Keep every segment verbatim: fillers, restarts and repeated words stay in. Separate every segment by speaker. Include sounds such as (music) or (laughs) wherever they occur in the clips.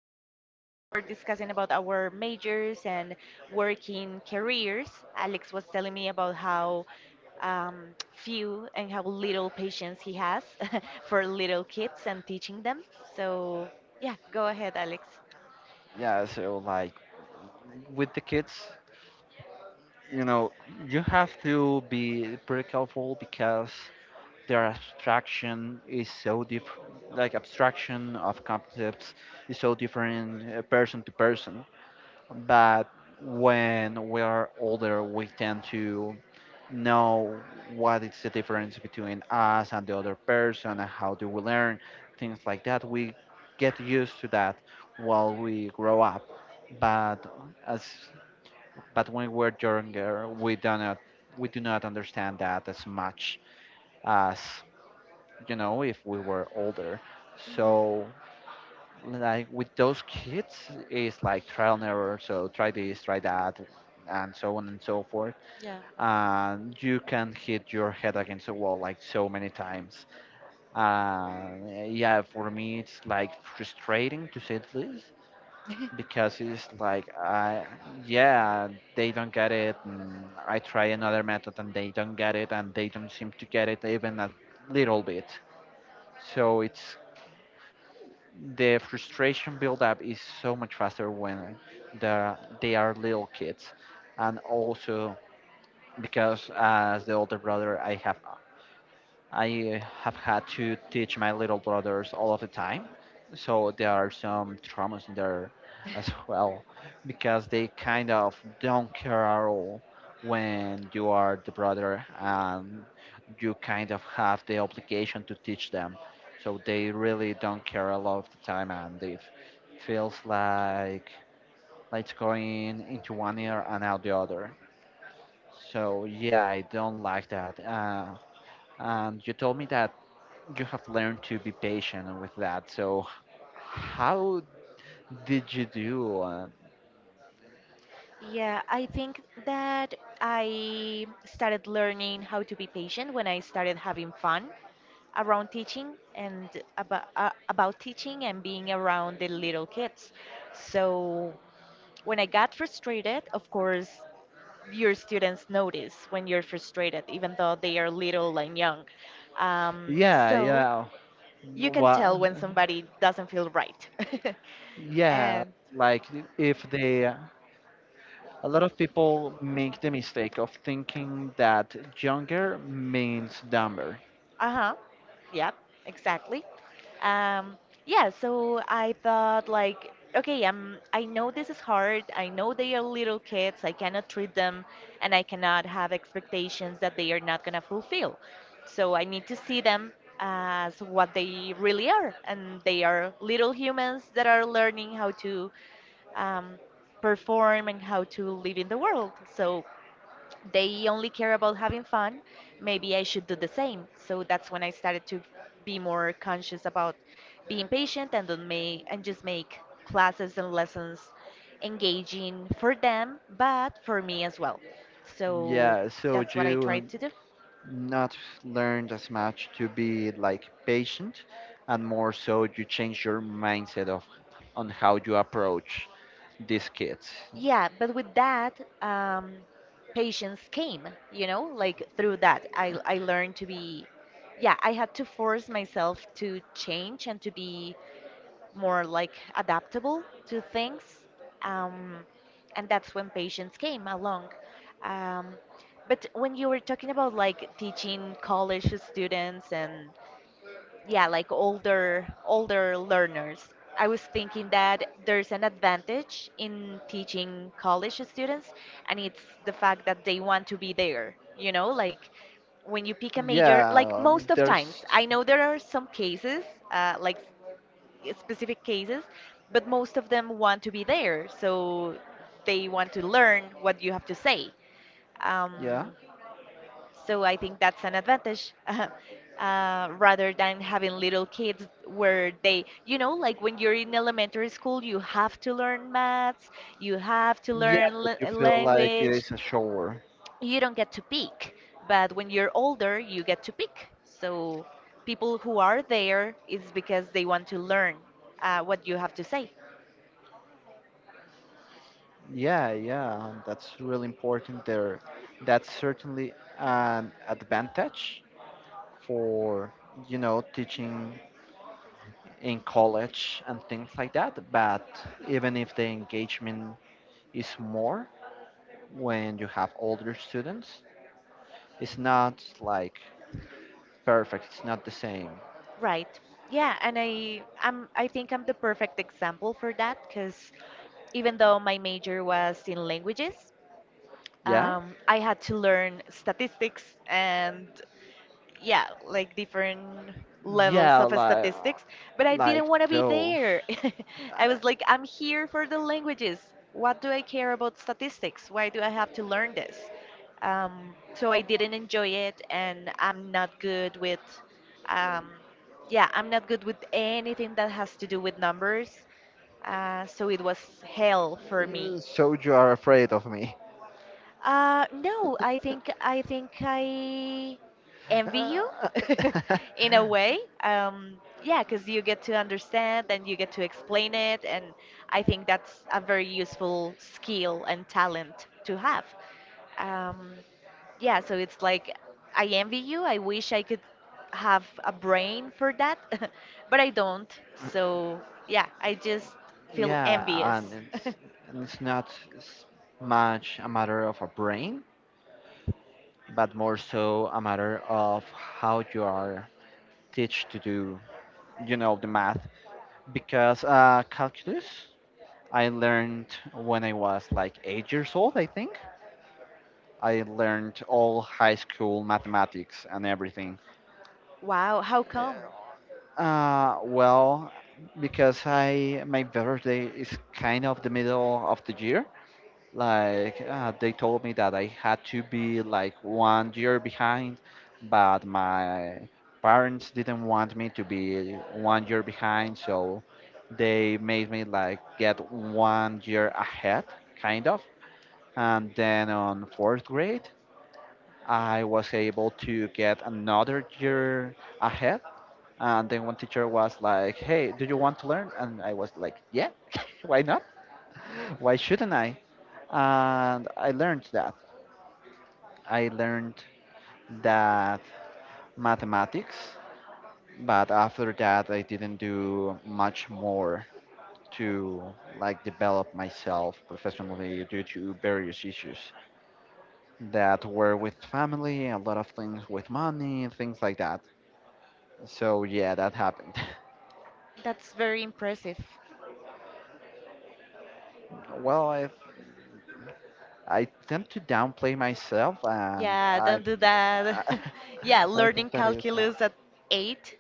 Speaker 1: and we were discussing about our majors and working careers. Alex was telling me about how um, few and how little patience he has (laughs) for little kids and teaching them. So, yeah, go ahead, Alex.
Speaker 2: Yeah, so like with the kids, you know, you have to be pretty careful because their abstraction is so different, like abstraction of concepts is so different uh, person to person. But when we are older, we tend to know what is the difference between us and the other person and how do we learn things like that. We get used to that while we grow up, but as but when we're younger, we do not we do not understand that as much as you know if we were older.
Speaker 1: Mhm.
Speaker 2: So like with those kids, it's like trial and error, so try this, try that and so on and so forth,
Speaker 1: Yeah.
Speaker 2: and you can hit your head against the wall like so many times. uh, yeah, for me it's like frustrating to say this
Speaker 1: (laughs)
Speaker 2: because it's like I yeah they don't get it, and i try another method and they don't get it and they don't seem to get it even a little bit. So it's, the frustration buildup is so much faster when the, they are little kids. And also, because as the older brother i have I have had to teach my little brothers all of the time. So there are some traumas in there as (laughs) well, because they kind of don't care at all when you are the brother and you kind of have the obligation to teach them. So they really don't care a lot of the time, and it feels like lights going into one ear and out the other. So yeah, I don't like that. Uh, and you told me that you have learned to be patient with that. So, how did you do? Uh,
Speaker 1: Yeah, I think that I started learning how to be patient when I started having fun around teaching and about uh, about teaching and being around the little kids. So when I got frustrated, of course, your students notice when you're frustrated, even though they are little and young. Um,
Speaker 2: yeah,
Speaker 1: so
Speaker 2: yeah.
Speaker 1: you can tell
Speaker 2: Well,
Speaker 1: when somebody doesn't feel right. (laughs)
Speaker 2: yeah.
Speaker 1: And
Speaker 2: Like if they, a lot of people make the mistake of thinking that younger means dumber.
Speaker 1: uh-huh. Yep, exactly. Um, yeah, so I thought like, okay, um, I know this is hard. I know they are little kids. I cannot treat them and I cannot have expectations that they are not gonna fulfill. So I need to see them as what they really are, and they are little humans that are learning how to um, perform and how to live in the world. So they only care about having fun, maybe I should do the same. So that's when I started to be more conscious about being patient and don't make and just make classes and lessons engaging for them, but for me as well. So
Speaker 2: Yeah. So
Speaker 1: that's what
Speaker 2: you
Speaker 1: I
Speaker 2: uh,
Speaker 1: tried to do.
Speaker 2: not learned as much to be like patient, and more so you change your mindset of on how you approach these kids.
Speaker 1: Yeah, but with that, um, patience came, you know, like through that, I I learned to be, yeah, I had to force myself to change and to be more like adaptable to things. Um, and that's when patients came along. Um, but when you were talking about like teaching college students and yeah, like older older learners, I was thinking that there's an advantage in teaching college students, and it's the fact that they want to be there. You know, like when you pick a major, like
Speaker 2: Yeah,
Speaker 1: most of times,
Speaker 2: there's,
Speaker 1: I know there are some cases, uh, like specific cases, but most of them want to be there, so they want to learn what you have to say.
Speaker 2: yeah,
Speaker 1: Um, so I think that's an advantage. (laughs) Uh, rather than having little kids where they, you know, like when you're in elementary school, you have to learn maths, you have to
Speaker 2: yeah,
Speaker 1: learn
Speaker 2: but you
Speaker 1: l
Speaker 2: feel like it
Speaker 1: language,
Speaker 2: is a shower.
Speaker 1: you don't get to pick. But when you're older, you get to pick. So people who are there is because they want to learn uh, what you have to say.
Speaker 2: Yeah, yeah, that's really important there. That's certainly an advantage for, you know, teaching in college and things like that. But even if the engagement is more when you have older students, it's not like perfect, it's not the same.
Speaker 1: Right. Yeah, and I I'm I think I'm the perfect example for that because even though my major was in languages,
Speaker 2: Yeah?
Speaker 1: um, I had to learn statistics and yeah, like different levels
Speaker 2: Yeah,
Speaker 1: of
Speaker 2: like
Speaker 1: statistics, but I
Speaker 2: like
Speaker 1: didn't want to be
Speaker 2: those.
Speaker 1: there. (laughs) I was like, I'm here for the languages. What do I care about statistics? Why do I have to learn this? Um, so I didn't enjoy it, and I'm not good with, um, yeah, I'm not good with anything that has to do with numbers. Uh, so it was hell for
Speaker 2: Uh,
Speaker 1: me.
Speaker 2: So you are afraid of me.
Speaker 1: Uh, no, I think I think I envy you (laughs) in a way.
Speaker 2: (laughs)
Speaker 1: Um, yeah, because you get to understand and you get to explain it, and I think that's a very useful skill and talent to have. Um, yeah, so it's like I envy you. I wish I could have a brain for that, (laughs) but I don't. So yeah, I just feel
Speaker 2: Yeah,
Speaker 1: envious.
Speaker 2: and
Speaker 1: (laughs)
Speaker 2: it's, and it's not s- much a matter of a brain, but more so a matter of how you are teach to do, you know, the math. Because uh, calculus, I learned when I was like eight years old, I think. I learned all high school mathematics and everything.
Speaker 1: Wow, how come?
Speaker 2: Uh, well, because I my birthday is kind of the middle of the year. Like uh, they told me that I had to be like one year behind, but my parents didn't want me to be one year behind, so they made me like get one year ahead, kind of. And then on fourth grade, I was able to get another year ahead, and then one teacher was like, "Hey, do you want to learn?" And I was like, "Yeah, (laughs) why not? Why shouldn't I?" And I learned that. I learned that mathematics, but after that, I didn't do much more to like develop myself professionally due to various issues that were with family, a lot of things with money, things like that. So yeah, that happened. (laughs)
Speaker 1: That's very impressive.
Speaker 2: Well, I I tend to downplay myself, and
Speaker 1: Yeah,
Speaker 2: I,
Speaker 1: don't do
Speaker 2: (laughs)
Speaker 1: that. (laughs) Yeah,
Speaker 2: I think
Speaker 1: learning
Speaker 2: that is not.
Speaker 1: calculus at eight,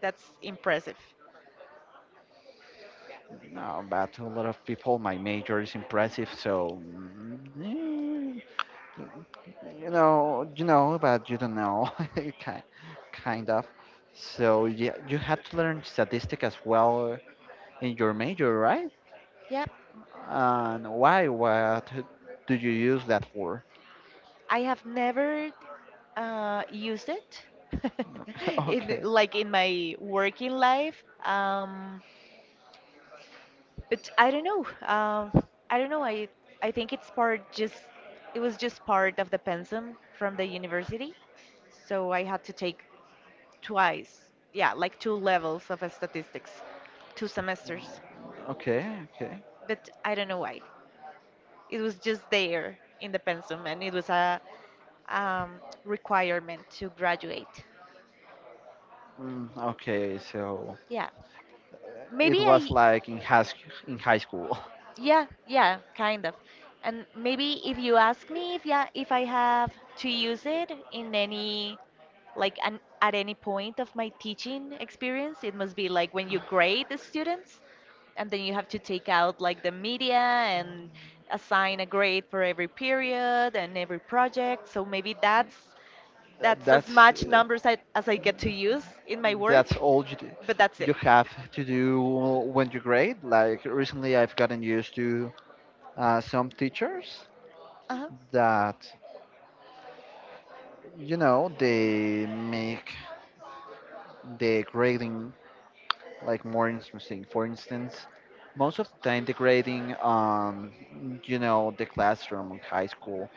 Speaker 1: that's impressive.
Speaker 2: No. But to a lot of people, my major is impressive. So mm, you know, you know, but you don't know, (laughs) kind, kind of. So yeah, you had to learn statistic as well in your major, right?
Speaker 1: Yeah,
Speaker 2: And why? What do you use that for?
Speaker 1: I have never uh, used it (laughs)
Speaker 2: (laughs)
Speaker 1: in
Speaker 2: Okay,
Speaker 1: like in my working life. Um, but I don't know. Um, I don't know. I I think it's part just it was just part of the pensum from the university, so I had to take twice, yeah, like two levels of statistics, two semesters.
Speaker 2: okay, okay.
Speaker 1: But I don't know why. It was just there in the pensum, and it was a um, requirement to graduate.
Speaker 2: Mm, okay, so.
Speaker 1: Yeah, maybe
Speaker 2: it was
Speaker 1: I,
Speaker 2: like in high, in high school.
Speaker 1: yeah, yeah, kind of. And maybe if you ask me if yeah, if I have to use it in any like an, at any point of my teaching experience it must be like when you grade the students and then you have to take out like the media and assign a grade for every period and every project so maybe that's
Speaker 2: Th-
Speaker 1: that's as
Speaker 2: That's
Speaker 1: much
Speaker 2: uh,
Speaker 1: numbers I, as I get to use in my
Speaker 2: that's
Speaker 1: work
Speaker 2: all you do,
Speaker 1: but that's
Speaker 2: you
Speaker 1: it.
Speaker 2: have to do when you grade. Like recently, I've gotten used to uh, some teachers
Speaker 1: Uh-huh.
Speaker 2: that you know they make the grading like more interesting. For instance, most of the time, the grading on you know the classroom in high school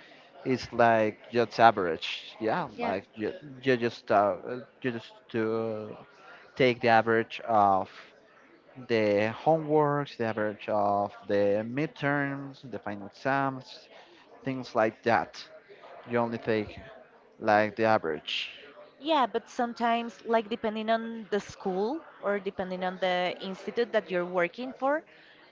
Speaker 2: is like just average. Yeah,
Speaker 1: Yeah.
Speaker 2: like you, you just uh, you just do take the average of the homeworks, the average of the midterms, the final exams, things like that. You only take like the average.
Speaker 1: Yeah, but sometimes, like depending on the school or depending on the institute that you're working for,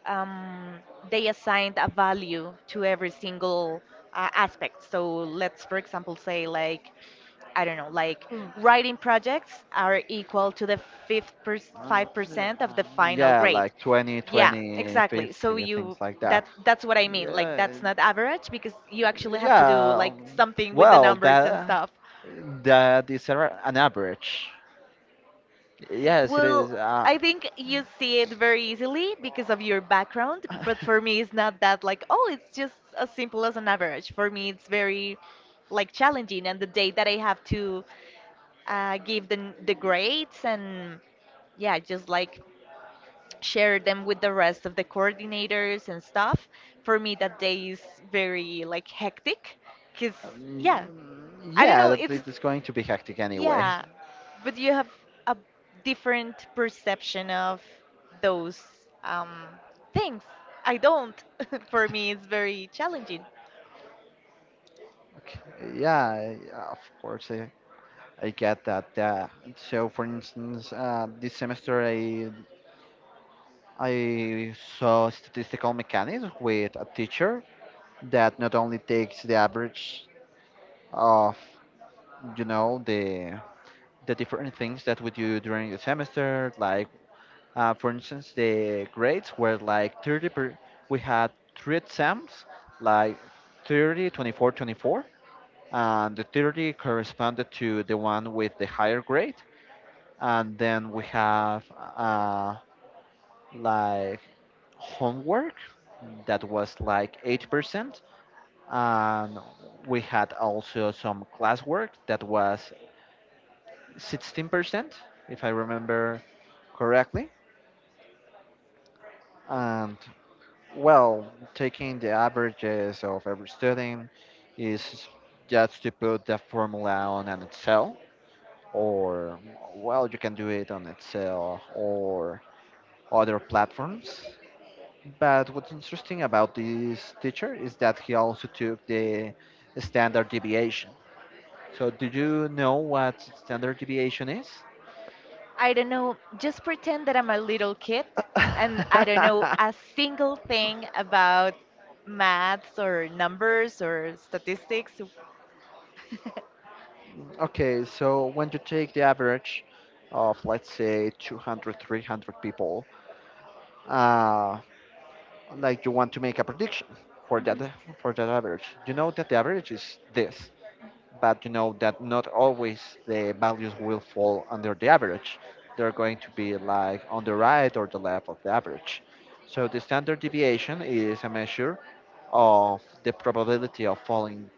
Speaker 1: um, they assign a value to every single uh, aspect. So let's, for example, say like, I don't know, like writing projects are equal to the fifth per five percent of the final
Speaker 2: Yeah,
Speaker 1: grade.
Speaker 2: like twenty,
Speaker 1: Yeah,
Speaker 2: twenty,
Speaker 1: exactly. So
Speaker 2: fifty, things
Speaker 1: you
Speaker 2: like
Speaker 1: that
Speaker 2: that.
Speaker 1: that's what I mean. Like that's not average because you actually have to do
Speaker 2: Yeah,
Speaker 1: like
Speaker 2: um,
Speaker 1: something with the
Speaker 2: well,
Speaker 1: numbers and
Speaker 2: that
Speaker 1: stuff.
Speaker 2: that is a- an average. Yes, it is.
Speaker 1: Well,
Speaker 2: Uh,
Speaker 1: I think you see it very easily because of your background, but for me, it's not that like, oh, it's just as simple as an average. For me, it's very
Speaker 2: (laughs)
Speaker 1: like challenging, and the day that I have to uh, give the the grades and yeah, just like share them with the rest of the coordinators and stuff. For me, that day is very like hectic because yeah,
Speaker 2: Um,
Speaker 1: I don't
Speaker 2: yeah,
Speaker 1: know.
Speaker 2: that
Speaker 1: It's
Speaker 2: it is going to be hectic anyway.
Speaker 1: yeah, but you have a different perception of those um, things. I don't. (laughs) For me, it's very challenging.
Speaker 2: Okay. Yeah, yeah, of course, I, I get that. Yeah. So, for instance, uh, this semester I I saw statistical mechanics with a teacher that not only takes the average of you know the the different things that we do during the semester, like. Uh, for instance, the grades were like thirty per, we had three exams, like thirty, twenty-four, twenty-four, and the thirty corresponded to the one with the higher grade. And then we have uh, like homework that was like eight percent. And we had also some classwork that was sixteen percent, if I remember correctly. And well, taking the averages of every student is just to put the formula on an Excel, or well, you can do it on Excel or other platforms. But what's interesting about this teacher is that he also took the standard deviation. So, do you know what standard deviation is?
Speaker 1: I don't know, just pretend that I'm a little kid and I don't know a
Speaker 2: (laughs)
Speaker 1: single thing about maths or numbers or statistics. (laughs)
Speaker 2: Okay, so when you take the average of, let's say, two hundred, three hundred people, uh, like you want to make a prediction for that,
Speaker 1: Hmm.
Speaker 2: for that average. You know that the average is this, but you know that not always the values will fall under the average. They're going to be like on the right or the left of the average. So the standard deviation is a measure of the probability of falling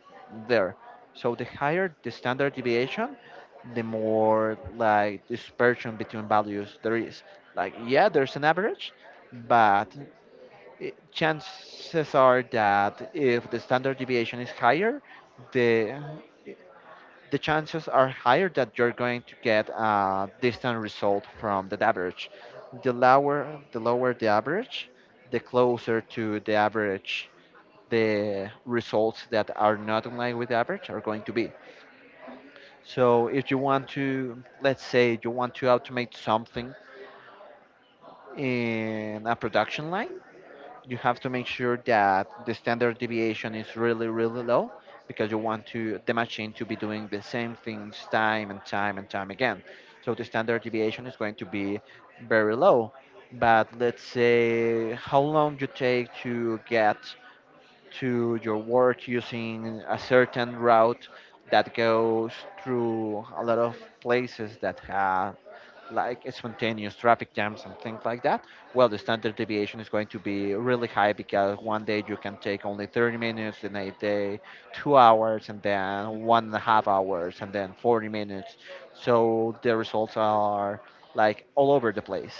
Speaker 2: there. So the higher the standard deviation, the more like dispersion between values there is. Like yeah, there's an average, but i- chances are that if the standard deviation is higher, the the chances are higher that you're going to get a distant result from the average. The lower the lower the average, the closer to the average the results that are not in line with the average are going to be. So if you want to let's say you want to automate something in a production line, you have to make sure that the standard deviation is really really low, because you want to the machine to be doing the same things time and time and time again, so the standard deviation is going to be very low. But let's say how long you take to get to your work using a certain route that goes through a lot of places that have like spontaneous traffic jams and things like that, well, the standard deviation is going to be really high, because one day you can take only thirty minutes, and a day, two hours, and then one and a half hours, and then forty minutes. So the results are like all over the place.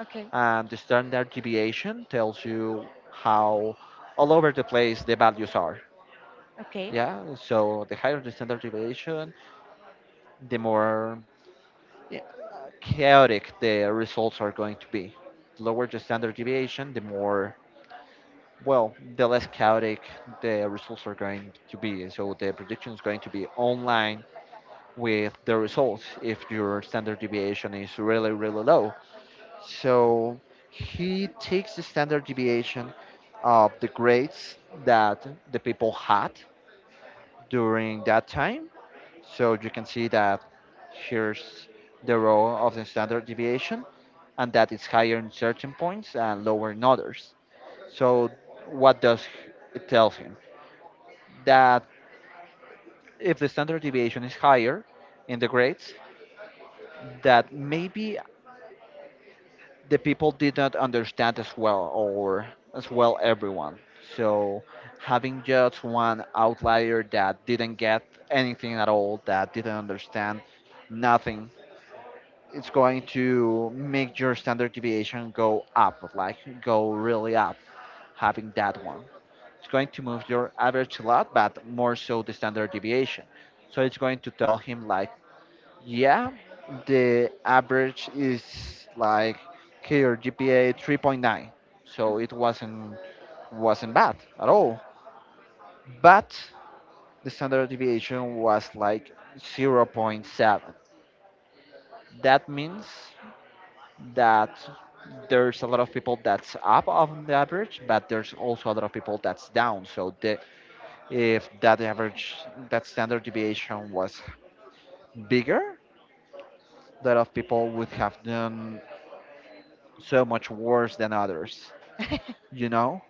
Speaker 1: Okay.
Speaker 2: And the standard deviation tells you how all over the place the values are.
Speaker 1: Okay.
Speaker 2: Yeah, so the higher the standard deviation, the more, yeah, chaotic the results are going to be. The lower the standard deviation, the more, well, the less chaotic the results are going to be. So the prediction is going to be online with the results if your standard deviation is really, really low. So he takes the standard deviation of the grades that the people had during that time. So you can see that here's the row of the standard deviation, and that is higher in certain points and lower in others. So, what does it tell him? That if the standard deviation is higher in the grades, that maybe the people did not understand as well, or as well everyone. So, having just one outlier that didn't get anything at all, that didn't understand nothing, it's going to make your standard deviation go up, like go really up, having that one. It's going to move your average a lot, but more so the standard deviation. So it's going to tell him like, yeah, the average is like here G P A three point nine, so it
Speaker 1: Hmm.
Speaker 2: wasn't wasn't bad at all. But the standard deviation was like zero point zero point seven. That means that there's a lot of people that's up on the average, but there's also a lot of people that's down. So the If that average, that standard deviation was bigger, a lot of people would have done so much worse than others, you know?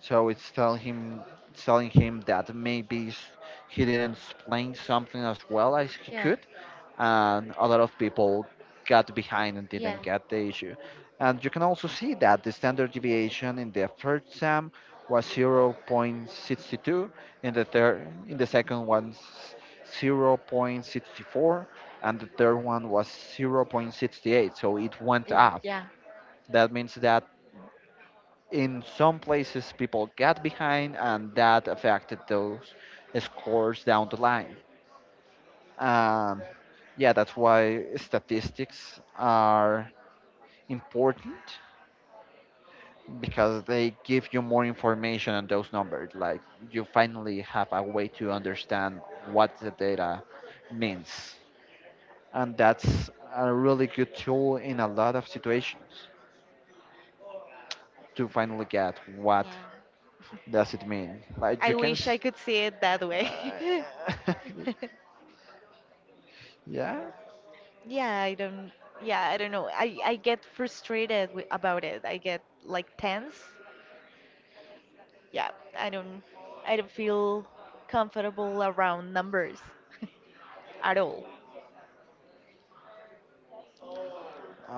Speaker 2: So it's telling him, it's telling him that maybe s- he didn't explain something as well as
Speaker 1: (laughs)
Speaker 2: he
Speaker 1: Yeah.
Speaker 2: could, and a lot of people got behind and
Speaker 1: Yeah.
Speaker 2: didn't get the issue. And you can also see that the standard deviation in the first exam was zero point six two, in the third, in the second one zero point six four, and the third one was zero point six eight. So it went
Speaker 1: Is it?
Speaker 2: up.
Speaker 1: Yeah.
Speaker 2: That means that in some places people got behind, and that affected those scores down the line. Um, yeah, that's why statistics are important because they give you more information on those numbers. Like you finally have a way to understand what the data means. And that's a really good tool in a lot of situations to finally get what
Speaker 1: Yeah.
Speaker 2: does it mean. Like you
Speaker 1: I
Speaker 2: can,
Speaker 1: wish I
Speaker 2: s-
Speaker 1: could see it that way.
Speaker 2: uh,
Speaker 1: (laughs)
Speaker 2: (laughs) yeah,
Speaker 1: Yeah, I don't. Yeah, I don't know. I I get frustrated wi about it. I get like tense. Yeah, I don't. I don't feel comfortable around numbers (laughs) at all.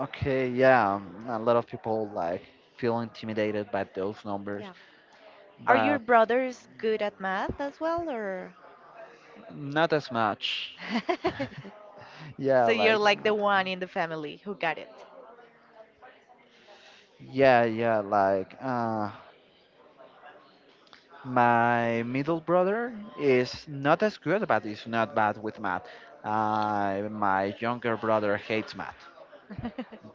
Speaker 2: okay, yeah. um, A lot of people like feel intimidated by those numbers,
Speaker 1: Yeah. Are
Speaker 2: but
Speaker 1: your brothers good at math as well, or?
Speaker 2: not as much.
Speaker 1: (laughs)
Speaker 2: Yeah,
Speaker 1: So you're
Speaker 2: like
Speaker 1: like the
Speaker 2: not,
Speaker 1: one in the family who got it.
Speaker 2: yeah, yeah, like uh, my middle brother is not as good, but is not bad with math. Uh, my younger brother hates math.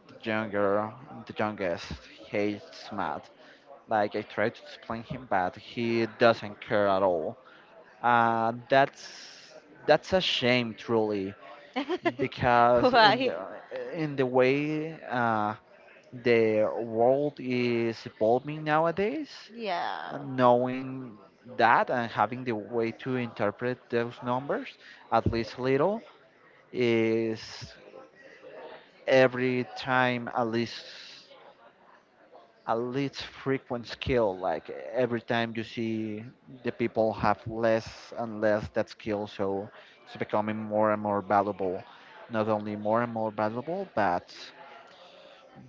Speaker 2: The younger, the youngest hates math. Like I try to explain him, but he doesn't care at all. Uh, that's that's a shame, truly,
Speaker 1: (laughs)
Speaker 2: because in
Speaker 1: Why?
Speaker 2: the in the way uh, the world is evolving nowadays,
Speaker 1: Yeah.
Speaker 2: and knowing that and having the way to interpret those numbers, at least a little, is every time at least a least frequent skill. Like every time you see the people have less and less that skill, so it's becoming more and more valuable. Not only more and more valuable, but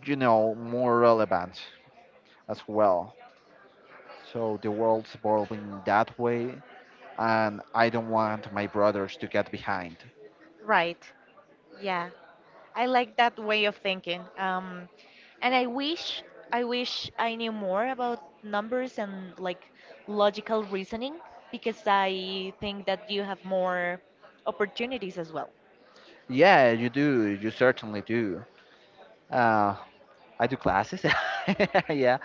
Speaker 2: you know more relevant as well. So the world's evolving that way, and I don't want my brothers to get behind.
Speaker 1: Right. Yeah. I like that way of thinking. Um, and I wish I wish I knew more about numbers and like logical reasoning because I think that you have more opportunities as well.
Speaker 2: Yeah, you do. You certainly do. Uh, I do classes. (laughs) yeah,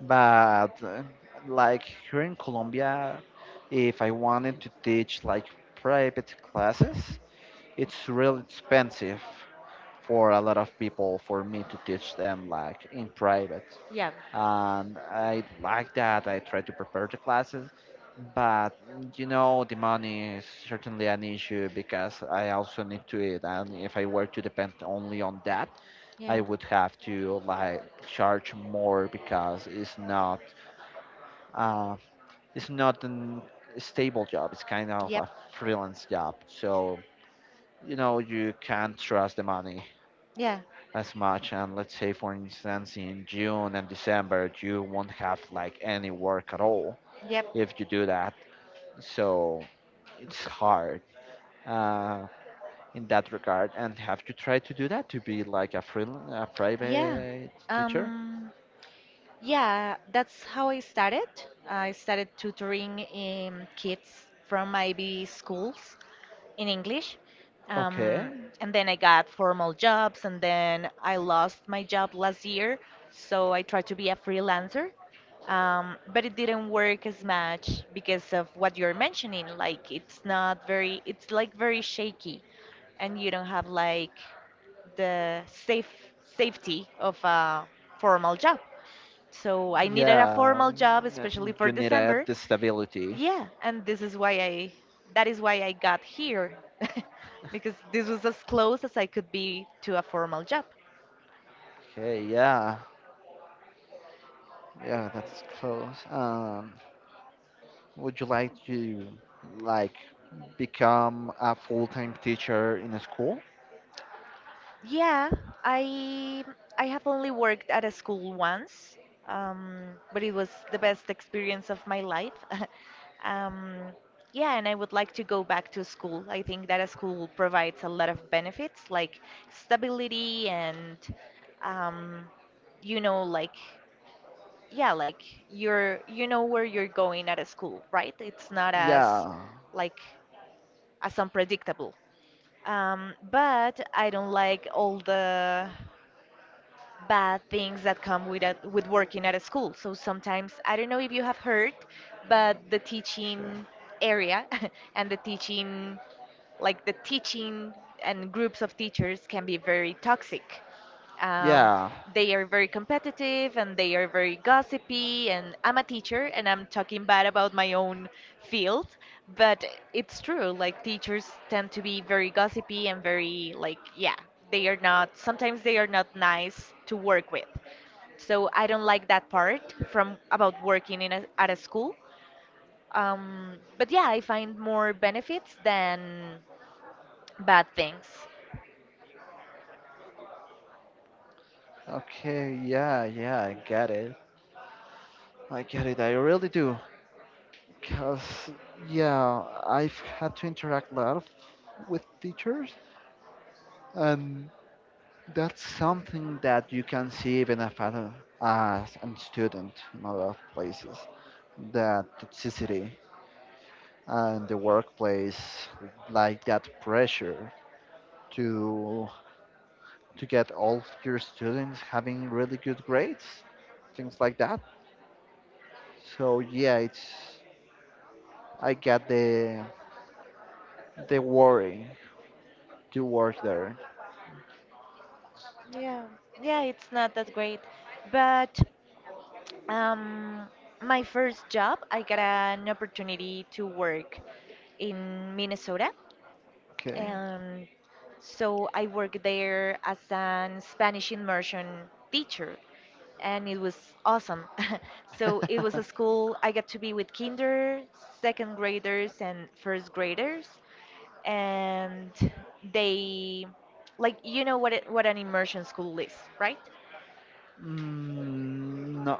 Speaker 2: but uh, like here in Colombia, if I wanted to teach like private classes, it's real expensive for a lot of people for me to teach them like in private.
Speaker 1: Yeah.
Speaker 2: And I like that. I try to prepare the classes, but you know, the money is certainly an issue because I also need to eat, and if I were to depend only on that,
Speaker 1: Yeah.
Speaker 2: I would have to like charge more because it's not uh, it's not an stable job. It's kind of a
Speaker 1: Yep.
Speaker 2: freelance job, so you know you can't trust the money
Speaker 1: Yeah.
Speaker 2: as much, and let's say for instance in June and December you won't have like any work at all
Speaker 1: Yep.
Speaker 2: if you do that. So it's hard uh, in that regard. And have you tried to do that to be like a free a
Speaker 1: Yeah.
Speaker 2: private teacher?
Speaker 1: Um, yeah, that's how I started. I started tutoring um, kids from I B schools in English.
Speaker 2: Okay.
Speaker 1: Um, and then I got formal jobs, and then I lost my job last year, so I tried to be a freelancer. Um, but it didn't work as much because of what you're mentioning. Like it's not very, it's like very shaky, and you don't have like the safe safety of a formal job. So I needed a
Speaker 2: Yeah.
Speaker 1: formal job, especially
Speaker 2: n-
Speaker 1: for
Speaker 2: You need a
Speaker 1: December,
Speaker 2: the stability.
Speaker 1: yeah, and this is why I that is why I got here (laughs) because this was as close as I could be to a formal job.
Speaker 2: Okay. Yeah. Yeah. That's close. Um, would you like to like become a full-time teacher in a school?
Speaker 1: Yeah, I I have only worked at a school once, um, but it was the best experience of my life. (laughs) Um, yeah, and I would like to go back to school. I think that a school provides a lot of benefits like stability and um, you know, like yeah like you're you know where you're going at a school right it's not as
Speaker 2: Yeah.
Speaker 1: like as unpredictable. Um, but I don't like all the bad things that come with a, with working at a school so sometimes I don't know if you have heard but the
Speaker 2: Sure.
Speaker 1: teaching area (laughs) and the teaching like the teaching and groups of teachers can be very toxic.
Speaker 2: Um,
Speaker 1: um,
Speaker 2: Yeah.
Speaker 1: they are very competitive and they are very gossipy. And I'm a teacher and I'm talking bad about my own field, but it's true. Like teachers tend to be very gossipy and very like yeah, they are not. Sometimes they are not nice to work with. So I don't like that part from about working in a, at a school. Um, but yeah, I find more benefits than bad things.
Speaker 2: Okay. Yeah. Yeah. I get it. I get it. I really do. Cause yeah, I've had to interact a lot of, with teachers, and that's something that you can see even if as a as an student in a lot of places. That toxicity and the workplace, like that pressure to to get all your students having really good grades, things like that. So yeah, it's I get the the worry to work there.
Speaker 1: Yeah, yeah, it's not that great. But Um, my first job, I got an opportunity to work in Minnesota.
Speaker 2: Okay.
Speaker 1: And so I worked there as an Spanish immersion teacher, and it was awesome. (laughs) So it was a
Speaker 2: (laughs)
Speaker 1: school I got to be with kinder, second graders, and first graders, and they, like, you know what it, what an immersion school is, right?
Speaker 2: Mm, no,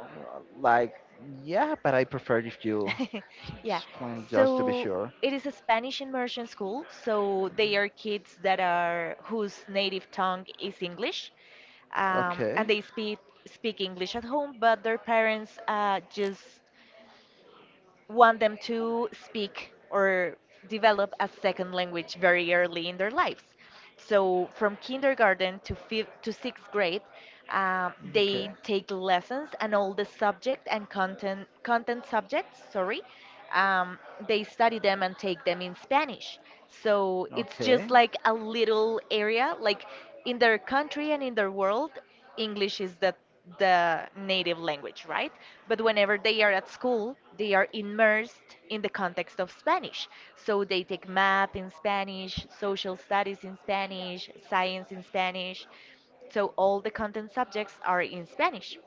Speaker 2: like yeah, but I prefer if you
Speaker 1: (laughs) Yeah,
Speaker 2: explain just to be
Speaker 1: so
Speaker 2: sure.
Speaker 1: it is a Spanish immersion school, so they are kids that are whose native tongue is English, um, and
Speaker 2: Okay.
Speaker 1: they speak speak English at home, but their parents uh, just want them to speak or develop a second language very early in their lives. So from kindergarten to fifth to sixth grade, um,
Speaker 2: Okay.
Speaker 1: they take lessons and all the subject and content content subjects. Sorry, um, they study them and take them in Spanish. So it's
Speaker 2: Okay.
Speaker 1: just like a little area, like in their country and in their world, English is the the native language, right? But whenever they are at school, they are immersed in the context of Spanish. So they take math in Spanish, social studies in Spanish, science in Spanish. So all the content subjects are in Spanish.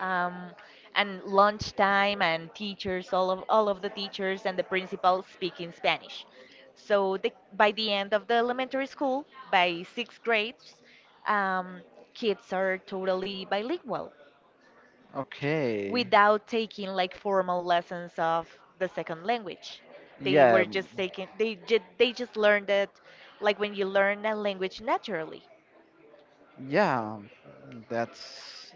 Speaker 1: Um, and lunchtime and teachers, all of all of the teachers and the principal speak in Spanish. So the, by the end of the elementary school, by sixth grades, um, kids are totally bilingual
Speaker 2: Okay.
Speaker 1: without taking like formal lessons of the second language. They were
Speaker 2: Yeah.
Speaker 1: just taking they ju- they just learned it like when you learn a language naturally.
Speaker 2: Yeah. That's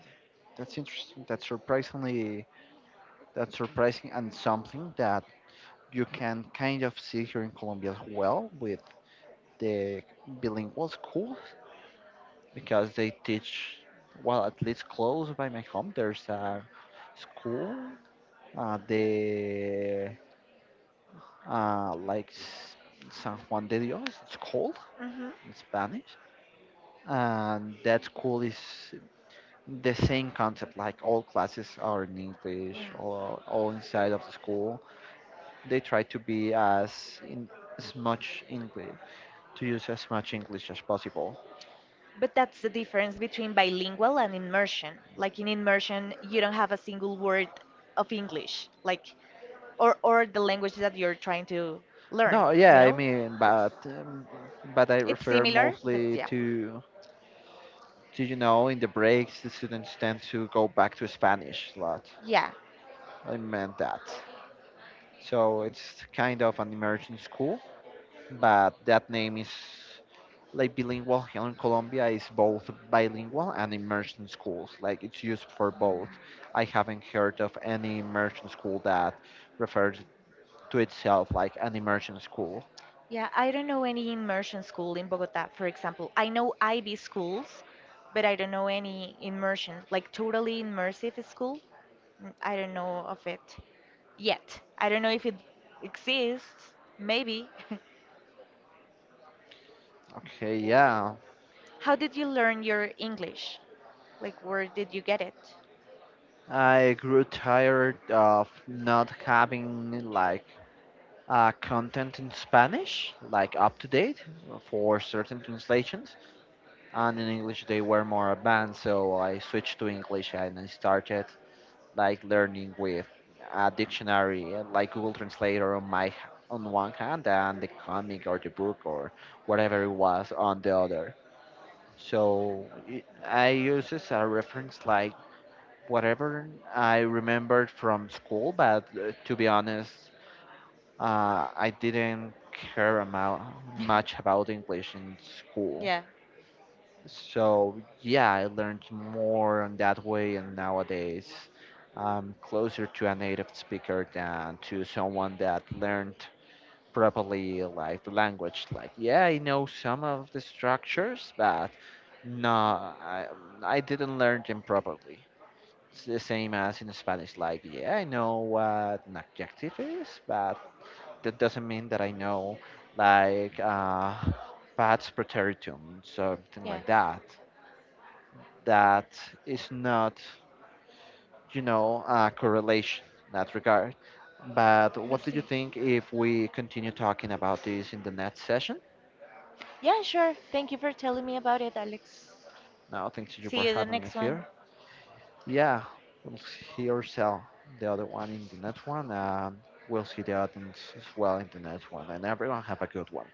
Speaker 2: that's interesting. That's surprisingly that's surprising, and something that you can kind of see here in Colombia as well with the bilingual schools, because they teach, well, at least close by my home there's a school, uh, the uh, like S- san Juan de Dios it's called
Speaker 1: Hmm.
Speaker 2: in Spanish, and that school is the same concept. Like all classes are in English,
Speaker 1: Yeah.
Speaker 2: all, all inside of the school. They try to be as in as much English, to use as much English as possible.
Speaker 1: But that's the difference between bilingual and immersion. Like in immersion, you don't have a single word of English, like or or the language that you're trying to learn,
Speaker 2: No,
Speaker 1: you
Speaker 2: yeah, I
Speaker 1: know?
Speaker 2: mean,
Speaker 1: It's
Speaker 2: but um, but I
Speaker 1: it's
Speaker 2: refer
Speaker 1: similar, but
Speaker 2: mostly
Speaker 1: yeah.
Speaker 2: to, did you know in the breaks the students tend to go back to Spanish a lot?
Speaker 1: Yeah.
Speaker 2: I meant that. So it's kind of an immersion school, but that name is like bilingual here in Colombia is both bilingual and immersion schools. Like it's used for both. I haven't heard of any immersion school that refers to itself like an immersion school.
Speaker 1: Yeah, I don't know any immersion school in Bogota, for example. I know I B schools, but I don't know any immersion, like totally immersive school. N- I don't know of it yet. I don't know if it exists, maybe. (laughs)
Speaker 2: Okay, yeah.
Speaker 1: How did you learn your English? Like, where did you get it?
Speaker 2: I grew tired of not having like uh, content in Spanish, like up to date for certain translations, and in English they were more advanced. So I switched to English and I started like learning with a dictionary, uh, like Google Translator on my on one hand, and the comic or the book or whatever it was on the other. So it, I use as a reference like whatever I remembered from school, but uh, to be honest, uh, I didn't care amount, much
Speaker 1: (laughs)
Speaker 2: about English in school.
Speaker 1: Yeah.
Speaker 2: So yeah, I learned more on that way, and nowadays I'm closer to a native speaker than to someone that learned properly like the language. Like yeah, I know some of the structures, but no, I, I didn't learn them properly. It's the same as in Spanish. Like yeah, I know what an adjective is, but that doesn't mean that I know like uh, pats preteritum, something
Speaker 1: Yeah,
Speaker 2: like that. That is not, you know, a correlation in that regard. But
Speaker 1: no
Speaker 2: what do you
Speaker 1: sé.
Speaker 2: think if we continue talking about this in the next session?
Speaker 1: Yeah, sure. Thank you for telling me about it, Alex.
Speaker 2: Now, thanks to you for
Speaker 1: See you the
Speaker 2: having me
Speaker 1: next one.
Speaker 2: here. Yeah, we'll see ourselves the other one in the next one. Um, we'll see the audience as well in the next one. And everyone have a good one.